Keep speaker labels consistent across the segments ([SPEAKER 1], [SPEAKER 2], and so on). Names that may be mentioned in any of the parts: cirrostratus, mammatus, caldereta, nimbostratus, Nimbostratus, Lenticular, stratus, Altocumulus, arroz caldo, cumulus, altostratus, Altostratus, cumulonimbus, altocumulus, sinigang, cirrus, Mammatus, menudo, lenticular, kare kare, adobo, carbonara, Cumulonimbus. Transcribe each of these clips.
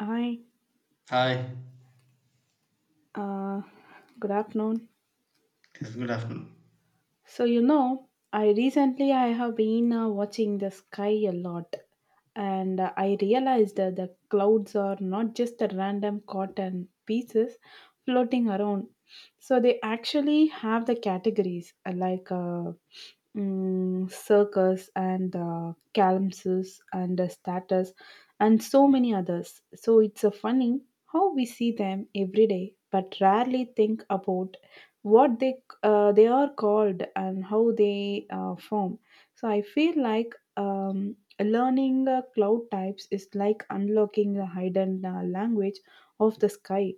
[SPEAKER 1] Hi,
[SPEAKER 2] Hi,
[SPEAKER 1] uh, good afternoon.
[SPEAKER 2] yes, good afternoon.
[SPEAKER 1] I recently I have been watching the sky a lot, and I realized that the clouds are not just the random cotton pieces floating around. So they actually have the categories circus and calypsos and status and so many others. So it's funny how we see them every day, but rarely think about what they are called and how they form. So I feel like learning cloud types is like unlocking the hidden language of the sky.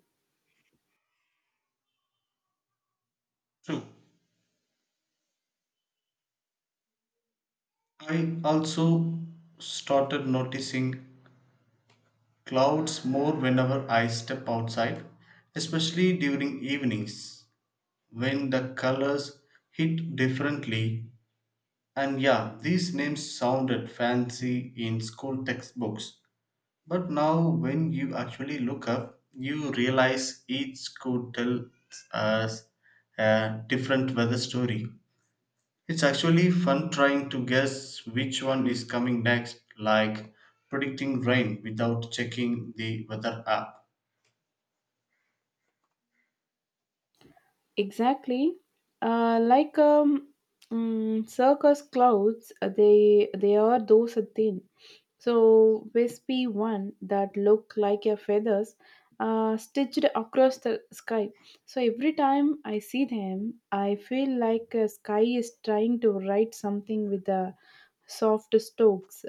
[SPEAKER 2] True. I also started noticing clouds more whenever I step outside, especially during evenings when the colors hit differently. And yeah, these names sounded fancy in school textbooks. But now, when you actually look up, you realize each could tell us a different weather story. It's actually fun trying to guess which one is coming next, like predicting rain without checking the weather app.
[SPEAKER 1] Exactly. Uh, like um, Circus clouds, they are those thin, so wispy one that look like your feathers, stitched across the sky. So every time I see them, I feel like sky is trying to write something with the soft strokes.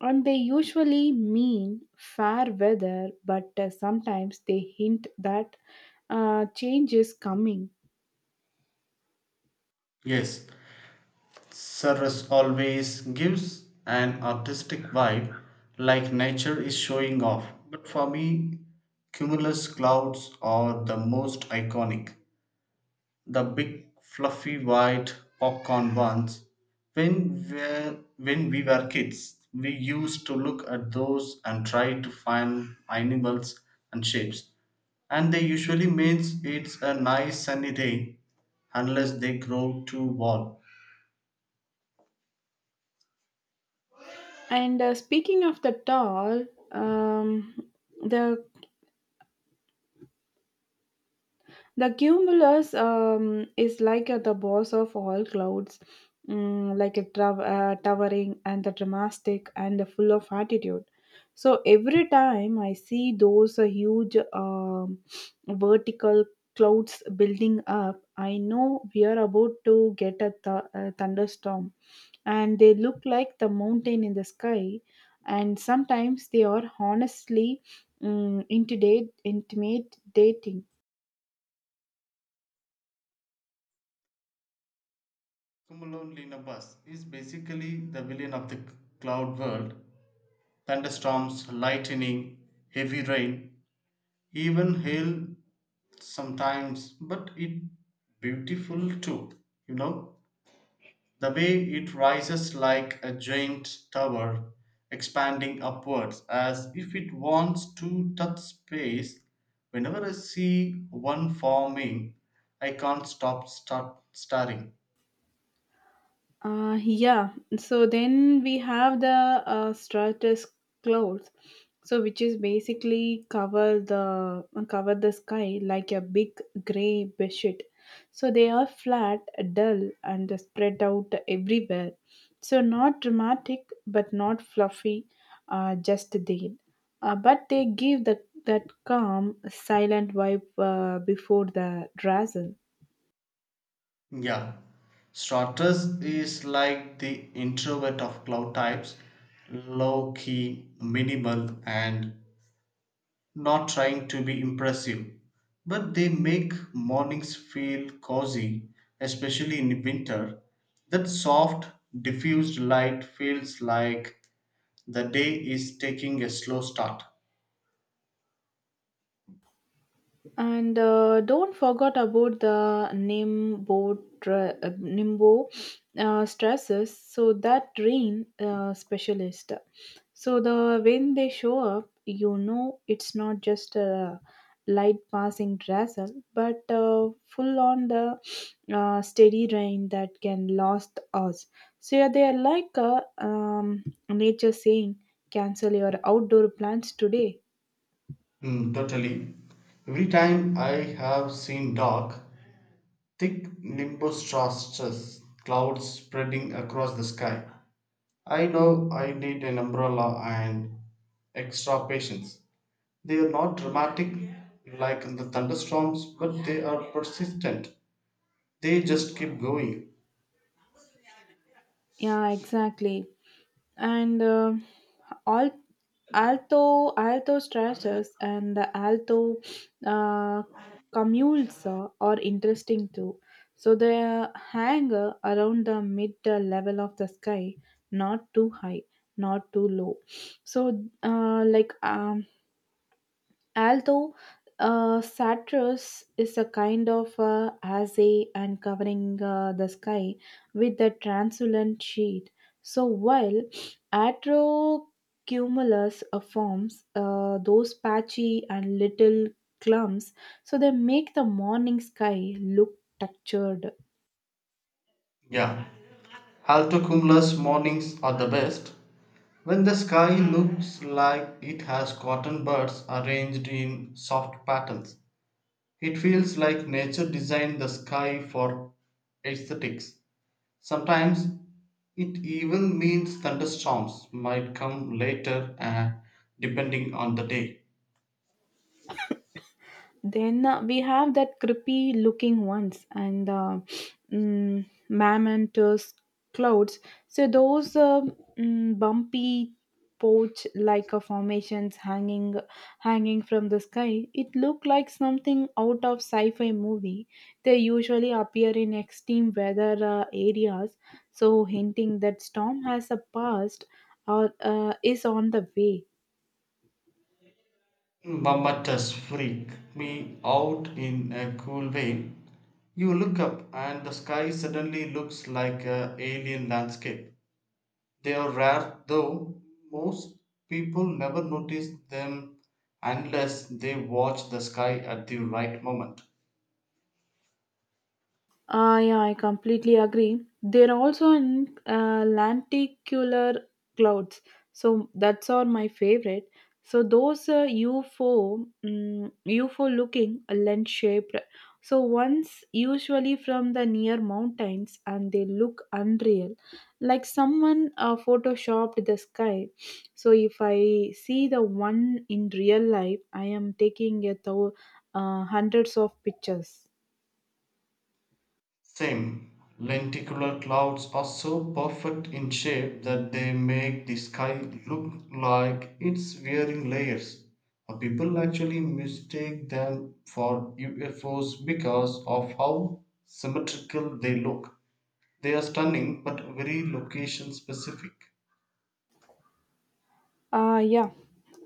[SPEAKER 1] And they usually mean fair weather, but sometimes they hint that change is coming.
[SPEAKER 2] Yes, cirrus always gives an artistic vibe, like nature is showing off. But for me, cumulus clouds are the most iconic. The big fluffy white popcorn ones. When we when we were kids, we used to look at those and try to find animals and shapes. And they usually means it's a nice sunny day unless they grow too warm.
[SPEAKER 1] And speaking of the doll, um, the the cumulus is like the boss of all clouds, like towering and the dramatic and the full of attitude. So every time I see those huge vertical clouds building up, I know we are about to get a thunderstorm. And they look like the mountain in the sky, and sometimes they are honestly mm, intimidate intimidating
[SPEAKER 2] Cumulonimbus is basically the villain of the cloud world. Thunderstorms, lightning, heavy rain, even hail sometimes, but it beautiful too. You know, the way it rises like a giant tower, expanding upwards as if it wants to touch space. Whenever I see one forming, I can't stop start staring.
[SPEAKER 1] Uh, yeah. So then we have the stratus clouds, so which is basically cover the sky like a big gray blanket. So they are flat, dull, and spread out everywhere. So not dramatic, but not fluffy, just there. But they give the that calm, silent vibe before the drizzle.
[SPEAKER 2] Yeah, Stratus is like the introvert of cloud types, low key, minimal, and not trying to be impressive, but they make mornings feel cozy, especially in winter. That soft, diffused light feels like the day is taking a slow start.
[SPEAKER 1] And don't forget about the nimbo stresses. So that rain specialist. So the when they show up, you know it's not just a light passing drizzle, but full on the steady rain that can last us. So yeah, they are like a nature saying, cancel your outdoor plans today.
[SPEAKER 2] Mm, totally. Every time I have seen dark, thick nimbostratus clouds spreading across the sky, I know I need an umbrella and extra patience. They are not dramatic like the thunderstorms, but they are persistent. They just keep going.
[SPEAKER 1] Yeah, exactly. and all alto alto stretches and the alto uh, commules are interesting too. So they hang around the mid level of the sky, not too high, not too low. So although Satyrs is a kind of assay and covering the sky with a translucent sheet. So while Atrocumulus forms those patchy and little clumps, so they make the morning sky look textured.
[SPEAKER 2] Yeah. Altocumulus mornings are the best. When the sky looks like it has cotton buds arranged in soft patterns, it feels like nature designed the sky for aesthetics. Sometimes it even means thunderstorms might come later depending on the day.
[SPEAKER 1] Then we have that creepy looking ones and mammontous clouds. So those bumpy porch like a formations hanging from the sky. It looked like something out of sci-fi movie. They usually appear in extreme weather areas, so hinting that storm has a past or is on the way.
[SPEAKER 2] Mammatus freak me out in a cool way. You look up and the sky suddenly looks like a alien landscape. They are rare though most people never notice them unless they watch the sky at the right moment.
[SPEAKER 1] Ah, yeah, I completely agree. There are also in lenticular clouds, so that's all my favorite. So those UFO, mm UFO looking lens shaped. So once usually from the near mountains, and they look unreal, like someone photoshopped the sky. So if I see the one in real life, I am taking a hundreds of pictures.
[SPEAKER 2] Same, lenticular clouds are so perfect in shape that they make the sky look like it's wearing layers. People actually mistake them for UFOs because of how symmetrical they look. They are stunning but very location specific.
[SPEAKER 1] Uh, yeah.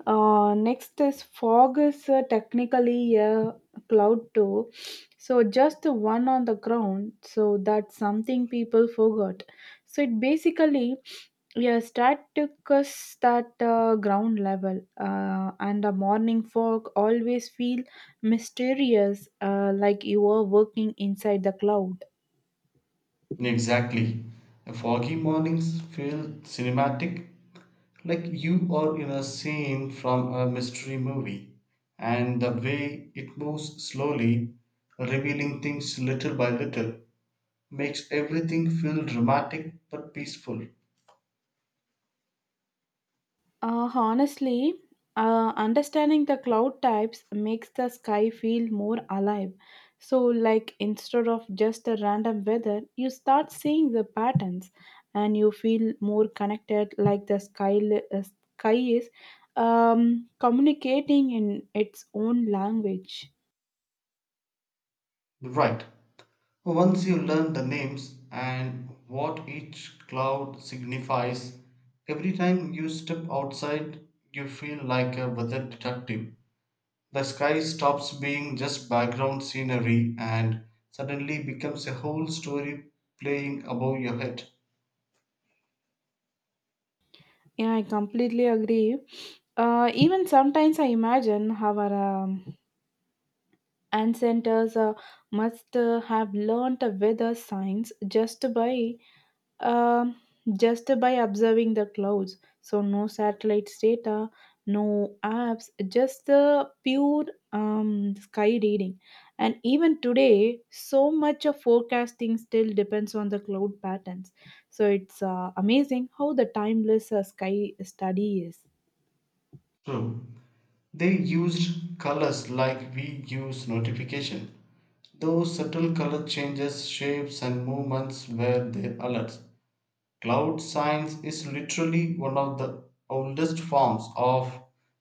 [SPEAKER 1] Next is fog is technically a cloud too. So just the one on the ground. So that's something people forgot. So it basically yeah static is that ground level, and the morning fog always feel mysterious, like you are working inside the cloud.
[SPEAKER 2] Exactly. Foggy mornings feel cinematic. Like you are in a scene from a mystery movie, and the way it moves slowly, revealing things little by little, makes everything feel dramatic but peaceful.
[SPEAKER 1] Honestly, understanding the cloud types makes the sky feel more alive. So, like instead of just a random weather, you start seeing the patterns, and you feel more connected. Like the sky, sky is communicating in its own language.
[SPEAKER 2] Right. Once you learn the names and what each cloud signifies, every time you step outside, you feel like a weather detective. The sky stops being just background scenery and suddenly becomes a whole story playing above your head.
[SPEAKER 1] Yeah, I completely agree. Even sometimes I imagine how our um, and centers must have learnt weather signs um just by observing the clouds. So no satellites data, no apps, just the pure sky reading. And even today so much of forecasting still depends on the cloud patterns. So it's amazing how the timeless sky study is.
[SPEAKER 2] True. They used colors like we use notification. Those subtle color changes, shapes, and movements were their alerts. Cloud science is literally one of the oldest forms of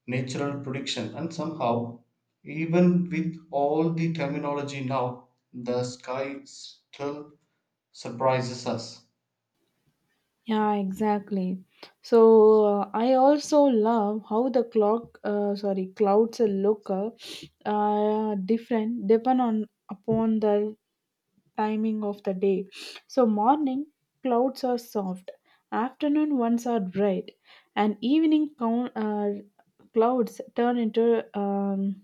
[SPEAKER 2] natural prediction, and somehow, even with all the terminology now, the sky still surprises us.
[SPEAKER 1] Yeah, exactly. So I also love how the clouds look different depend on upon the timing of the day. So morning clouds are soft, afternoon ones are bright, and evening clouds turn into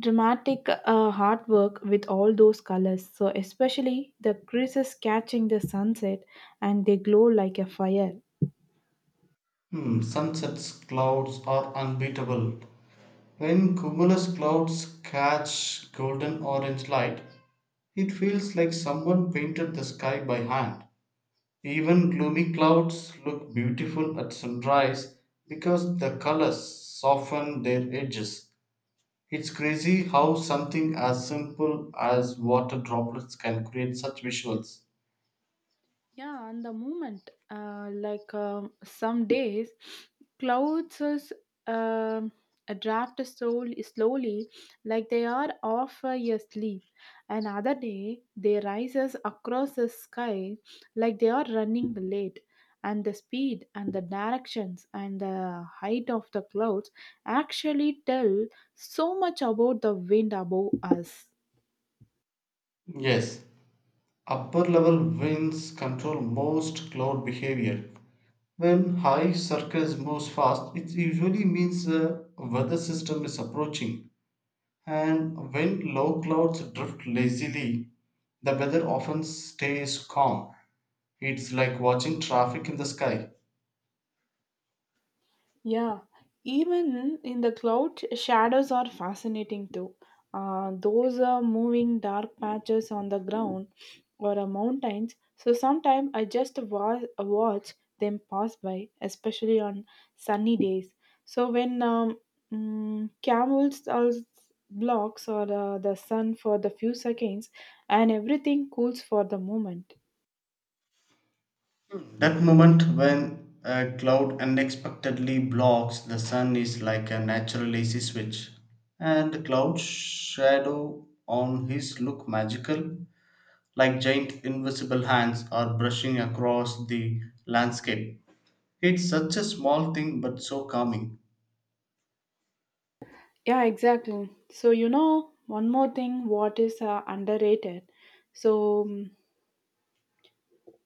[SPEAKER 1] dramatic artwork with all those colors. So especially the creases catching the sunset, and they glow like a fire.
[SPEAKER 2] Hmm. Sunset's clouds are unbeatable. When cumulus clouds catch golden orange light, it feels like someone painted the sky by hand. Even gloomy clouds look beautiful at sunrise because the colors soften their edges. It's crazy how something as simple as water droplets can create such visuals.
[SPEAKER 1] Yeah, and the moment, some days, clouds is um a draft slowly, slowly, like they are off a sleep. Another day, they rises across the sky, like they are running late. And the speed and the directions and the height of the clouds actually tell so much about the wind above us.
[SPEAKER 2] Yes, upper level winds control most cloud behavior. When high circles moves fast, it usually means the weather system is approaching. And when low clouds drift lazily, the weather often stays calm. It's like watching traffic in the sky.
[SPEAKER 1] Yeah, even in the cloud, shadows are fascinating too. Those are moving dark patches on the ground or mountains. So sometimes I just watch them pass by, especially on sunny days. So when camels are blocks or the sun for the few seconds, and everything cools for the moment.
[SPEAKER 2] That moment when a cloud unexpectedly blocks the sun is like a natural AC switch. And the cloud shadow on his look magical like giant invisible hands are brushing across the landscape. It's such a small thing but so calming.
[SPEAKER 1] Yeah, exactly. So, you know, one more thing what is underrated. So, mm,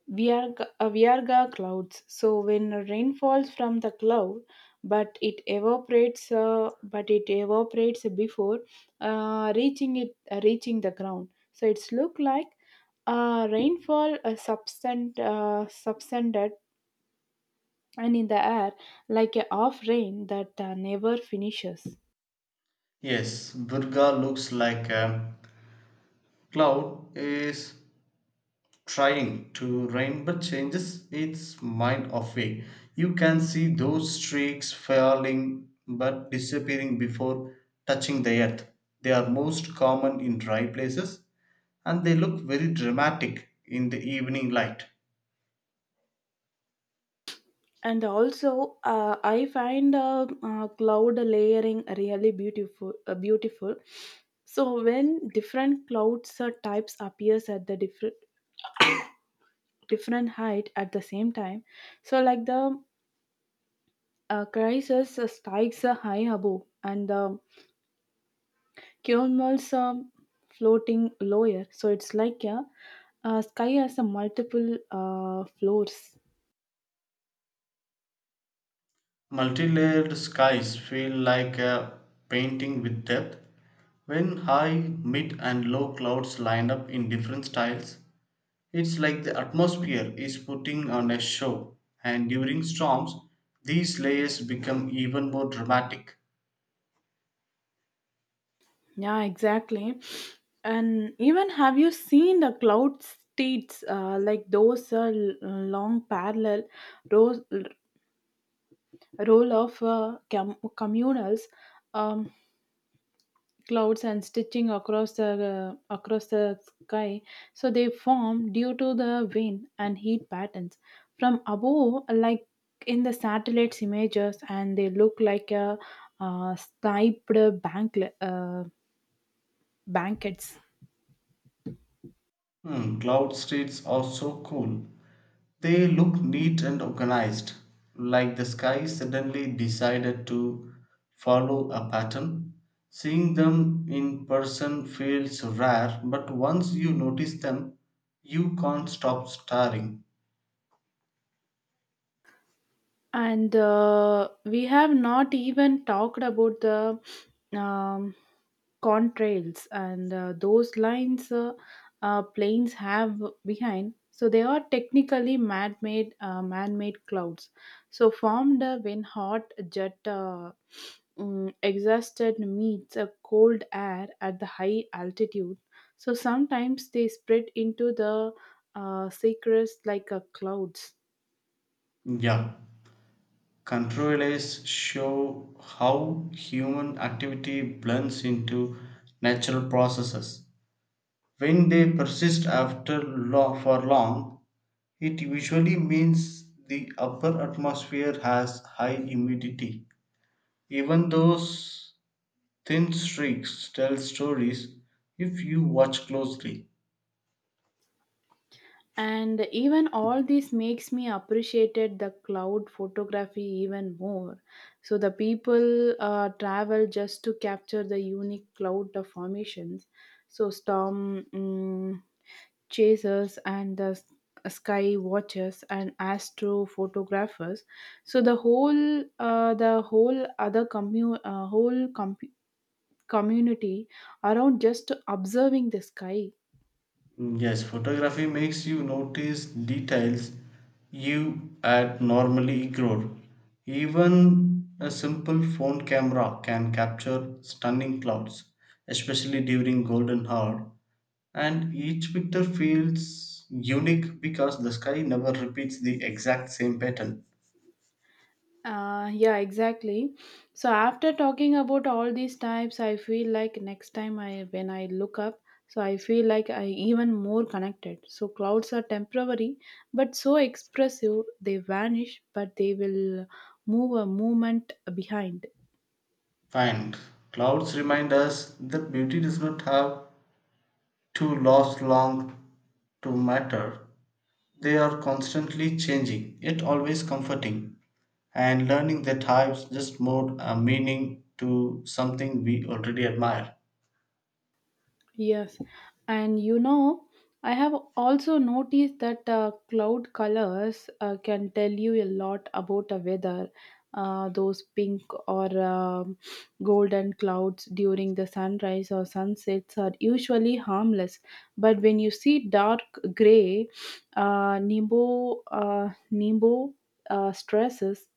[SPEAKER 1] we are g- uh, we are the clouds. So, when rain falls from the cloud, but it evaporates before reaching the ground. So, it's look like rainfall substance substandard and in the air, like a half rain that never finishes.
[SPEAKER 2] Yes, Durga looks like a cloud is trying to rain but changes its mind of way. You can see those streaks falling but disappearing before touching the earth. They are most common in dry places and they look very dramatic in the evening light.
[SPEAKER 1] And also, I find cloud layering really beautiful. So when different clouds types appears at the different height at the same time, so like the crisis spikes high above and the cumulus floating lower. So it's like a sky has a multiple floors.
[SPEAKER 2] Multi-layered skies feel like a painting with depth. When high, mid, and low clouds line up in different styles, it's like the atmosphere is putting on a show. And during storms, these layers become even more dramatic.
[SPEAKER 1] Yeah, exactly. And even have you seen the cloud states, like those long parallel rows, roll of communals um, clouds and stitching across the sky? So they form due to the wind and heat patterns from above, like in the satellites images, and they look like a striped bank blankets.
[SPEAKER 2] Hmm, cloud streets are so cool. They look neat and organized, like the sky suddenly decided to follow a pattern. Seeing them in person feels rare, but once you notice them, you can't stop staring.
[SPEAKER 1] And we have not even talked about the um, contrails and those lines planes have behind. So they are technically man-made clouds. So formed when hot jet exhausted meets a cold air at the high altitude. So sometimes they spread into the cirrus like a clouds.
[SPEAKER 2] Yeah, controllers show how human activity blends into natural processes. When they persist after long, for long, it usually means the upper atmosphere has high humidity. Even those thin streaks tell stories if you watch closely.
[SPEAKER 1] And even all this makes me appreciated the cloud photography even more. So the people travel just to capture the unique cloud of formations. So storm chasers and the sky watchers and astro photographers, so the whole other commu- whole com- community around just observing the sky.
[SPEAKER 2] Mm, yes, photography makes you notice details you had normally ignored. Even a simple phone camera can capture stunning clouds, especially during golden hour. And each picture feels unique because the sky never repeats the exact same pattern.
[SPEAKER 1] Yeah, exactly. So after talking about all these types, I feel like next time I when I look up, so I feel like I even more connected. So clouds are temporary, but so expressive. They vanish, but they will move a movement behind.
[SPEAKER 2] And clouds remind us that beauty does not have to last long to matter. They are constantly changing, yet always comforting, and learning their types just more a meaning to something we already admire.
[SPEAKER 1] Yes, and you know, I have also noticed that cloud colors can tell you a lot about a weather. Those pink or golden clouds during the sunrise or sunsets are usually harmless, but when you see dark gray, nimbo stresses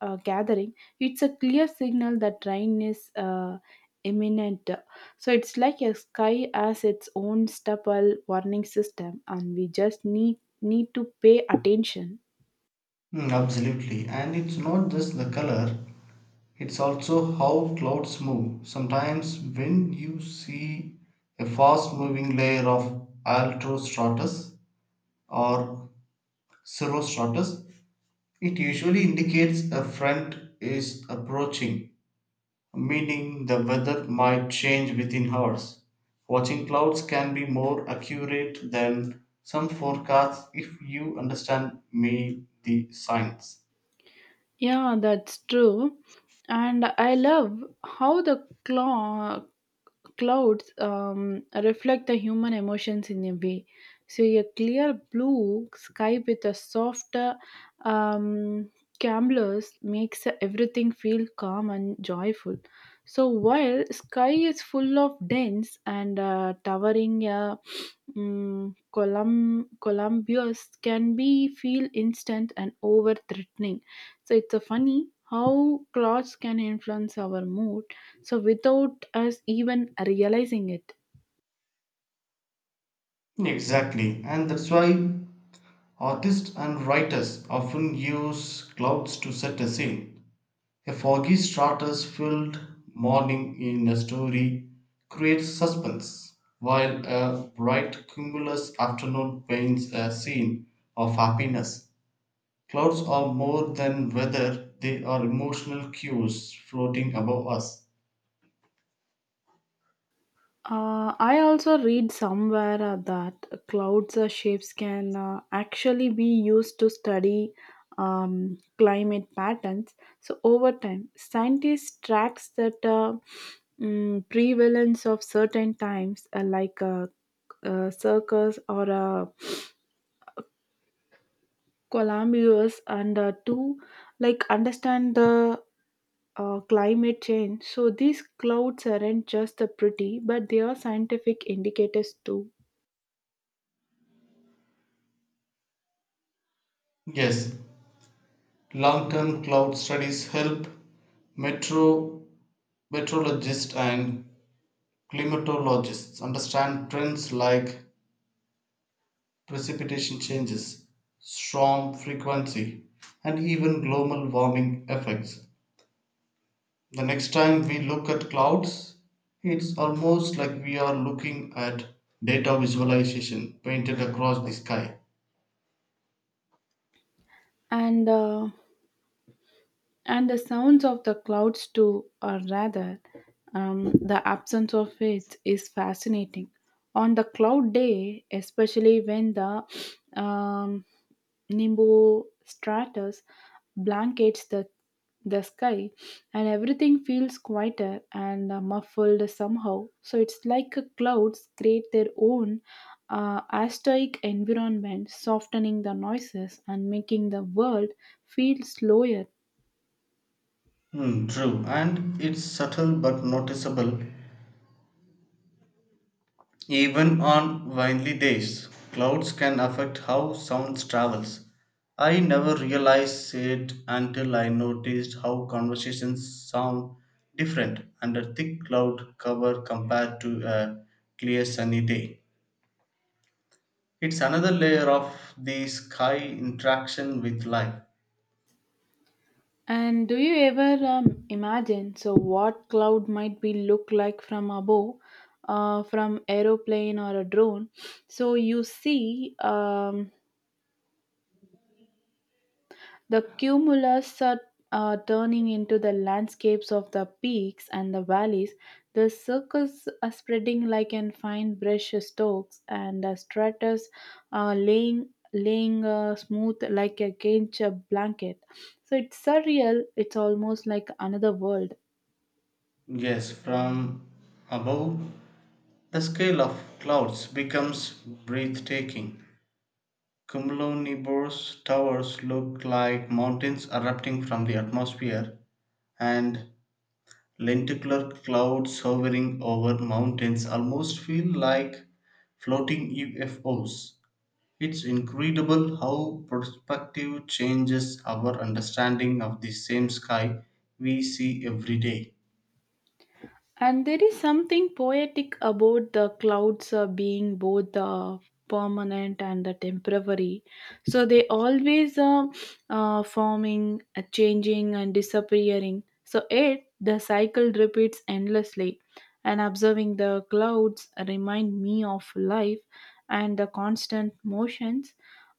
[SPEAKER 1] gathering, it's a clear signal that rain is imminent. So it's like a sky has its own stubble warning system, and we just need to pay attention.
[SPEAKER 2] Mm, absolutely. And it's not just the color, it's also how clouds move. Sometimes when you see a fast moving layer of altostratus or cirrostratus, it usually indicates a front is approaching, meaning the weather might change within hours. Watching clouds can be more accurate than some forecasts if you understand me the science.
[SPEAKER 1] Yeah, that's true. And I love how the clouds reflect the human emotions in a way. So, a clear blue sky with a soft um, camblers makes everything feel calm and joyful. So, while sky is full of dense and towering Columbus can be feel instant and over threatening. So it's a funny how clothes can influence our mood. So without us even realizing it.
[SPEAKER 2] Exactly, and that's why artists and writers often use clouds to set a scene. A foggy stratus filled morning in a story creates suspense, while a bright cumulus afternoon paints a scene of happiness. Clouds are more than weather, they are emotional cues floating above us.
[SPEAKER 1] I also read somewhere that clouds shapes can actually be used to study climate patterns. So over time, scientists tracks that prevalence of certain times, like circus or columbus, and to like understand the climate change. So these clouds aren't just the pretty, but they are scientific indicators too.
[SPEAKER 2] Yes, long term cloud studies help metro, meteorologists and climatologists understand trends like precipitation changes, storm frequency, and even global warming effects. The next time we look at clouds, it's almost like we are looking at data visualization painted across the sky.
[SPEAKER 1] And the sounds of the clouds too, or rather the absence of it is fascinating on the cloud day, especially when the um, Nimbostratus blankets the sky, and everything feels quieter and muffled somehow. So it's like a clouds create their own astoic environment, softening the noises and making the world feel slower.
[SPEAKER 2] Hmm, true, and it's subtle but noticeable. Even on windy days, clouds can affect how sound travels. I never realized it until I noticed how conversations sound different under thick cloud cover compared to a clear sunny day. It's another layer of the sky interaction with life.
[SPEAKER 1] And do you ever imagine so what cloud might be look like from above, from aeroplane or a drone? So you see. The cumulus are turning into the landscapes of the peaks and the valleys. The circles are spreading like an fine brush strokes, and the stratus are laying smooth like a cage blanket. So it's surreal. It's almost like another world.
[SPEAKER 2] Yes, from above, the scale of clouds becomes breathtaking. Cumulonimbus towers look like mountains erupting from the atmosphere, and lenticular clouds hovering over mountains almost feel like floating UFOs. It's incredible how perspective changes our understanding of the same sky we see every day.
[SPEAKER 1] And there is something poetic about the clouds being both permanent and the temporary. So they always forming, changing, and disappearing. So it the cycle repeats endlessly. And observing the clouds remind me of life and the constant motions,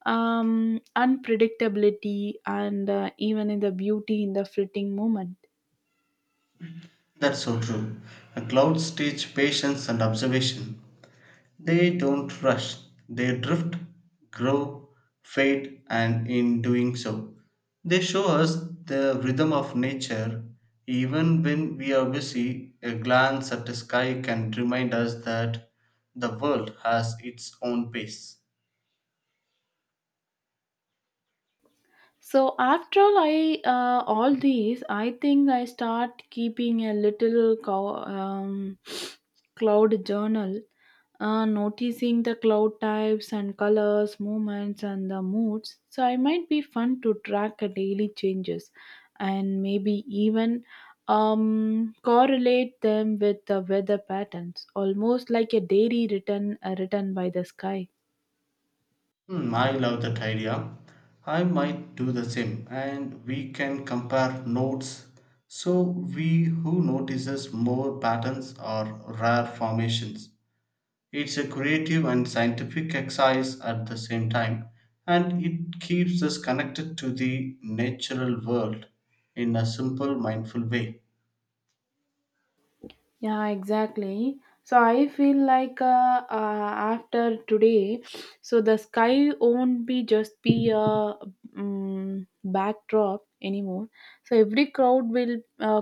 [SPEAKER 1] unpredictability, and even in the beauty in the fleeting moment.
[SPEAKER 2] That's so true. A cloud teach patience and observation. They don't rush, they drift, grow, fade, and in doing so, they show us the rhythm of nature. Even when we are busy, a glance at the sky can remind us that the world has its own pace.
[SPEAKER 1] So after all, I all these, I think I start keeping a little cloud journal, noticing the cloud types and colors, movements, and the moods. So I might be fun to track a daily changes, and maybe even correlate them with the weather patterns, almost like a diary written written by the sky.
[SPEAKER 2] Hmm, I love that idea. I might do the same, and we can compare notes. So, we who notices more patterns or rare formations. It's a creative and scientific exercise at the same time, and it keeps us connected to the natural world in a simple, mindful way.
[SPEAKER 1] Yeah, exactly. So I feel like after today, so the sky won't be just be a backdrop anymore. So every crowd will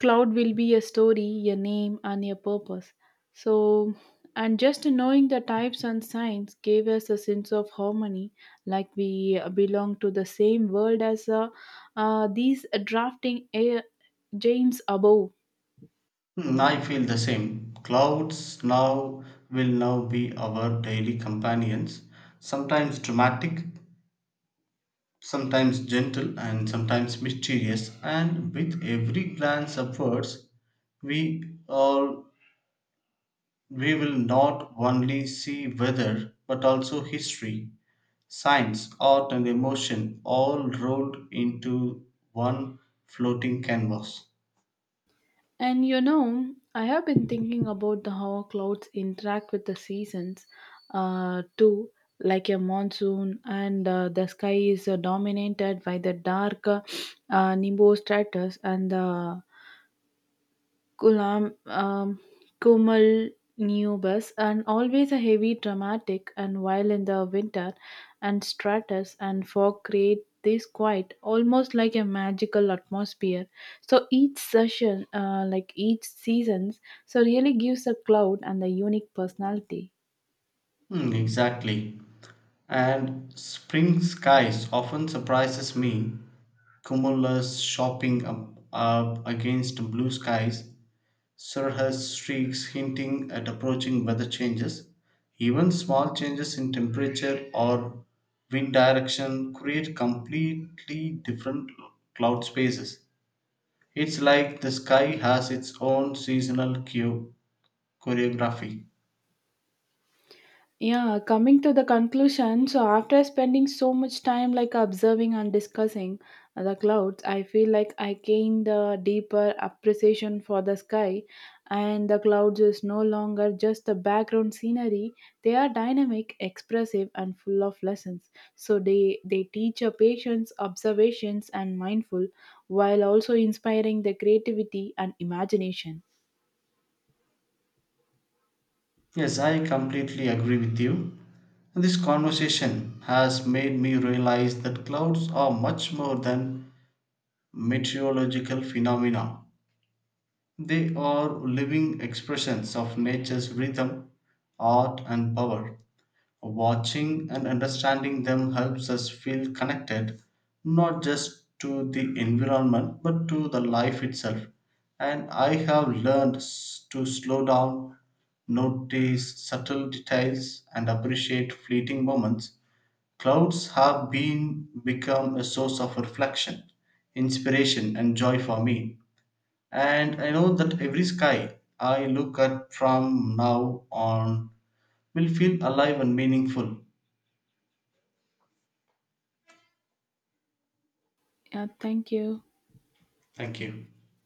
[SPEAKER 1] cloud will be a story, a name, and a purpose. So and just knowing the types and signs gave us a sense of harmony, like we belong to the same world as these drafting air, James above.
[SPEAKER 2] Hmm, I feel the same. Clouds now will now be our daily companions, sometimes dramatic, sometimes gentle, and sometimes mysterious. And with every glance upwards, we all we will not only see weather but also history. Science, art, and emotion all rolled into one floating canvas.
[SPEAKER 1] And you know, I have been thinking about the how clouds interact with the seasons too, like a monsoon, and the sky is dominated by the dark nimbus stratus and the Kulam, um, Kumal Nubus, and always a heavy, dramatic, and while in the winter, and stratus and fog create this quiet, almost like a magical atmosphere. So each session, like each seasons, so really gives a cloud and the unique personality.
[SPEAKER 2] Hmm, exactly. And spring skies often surprises me. Cumulus shopping up against blue skies, cirrus streaks hinting at approaching weather changes. Even small changes in temperature or wind direction create completely different cloud spaces. It's like the sky has its own seasonal choreography.
[SPEAKER 1] Yeah, coming to the conclusion, so after spending so much time like observing and discussing the clouds, I feel like I gained a deeper appreciation for the sky, and the clouds is no longer just the background scenery. They are dynamic, expressive and full of lessons. So they teach your patience, observations and mindful while also inspiring the creativity and imagination.
[SPEAKER 2] Yes, I completely agree with you. This conversation has made me realize that clouds are much more than meteorological phenomena. They are living expressions of nature's rhythm, art, and power. Watching and understanding them helps us feel connected not just to the environment but to the life itself. And I have learned to slow down, notice subtle details, and appreciate fleeting moments. Clouds have been become a source of reflection, inspiration, and joy for me. And I know that every sky I look at from now on will feel alive and meaningful.
[SPEAKER 1] Yeah, thank you.
[SPEAKER 2] Thank you.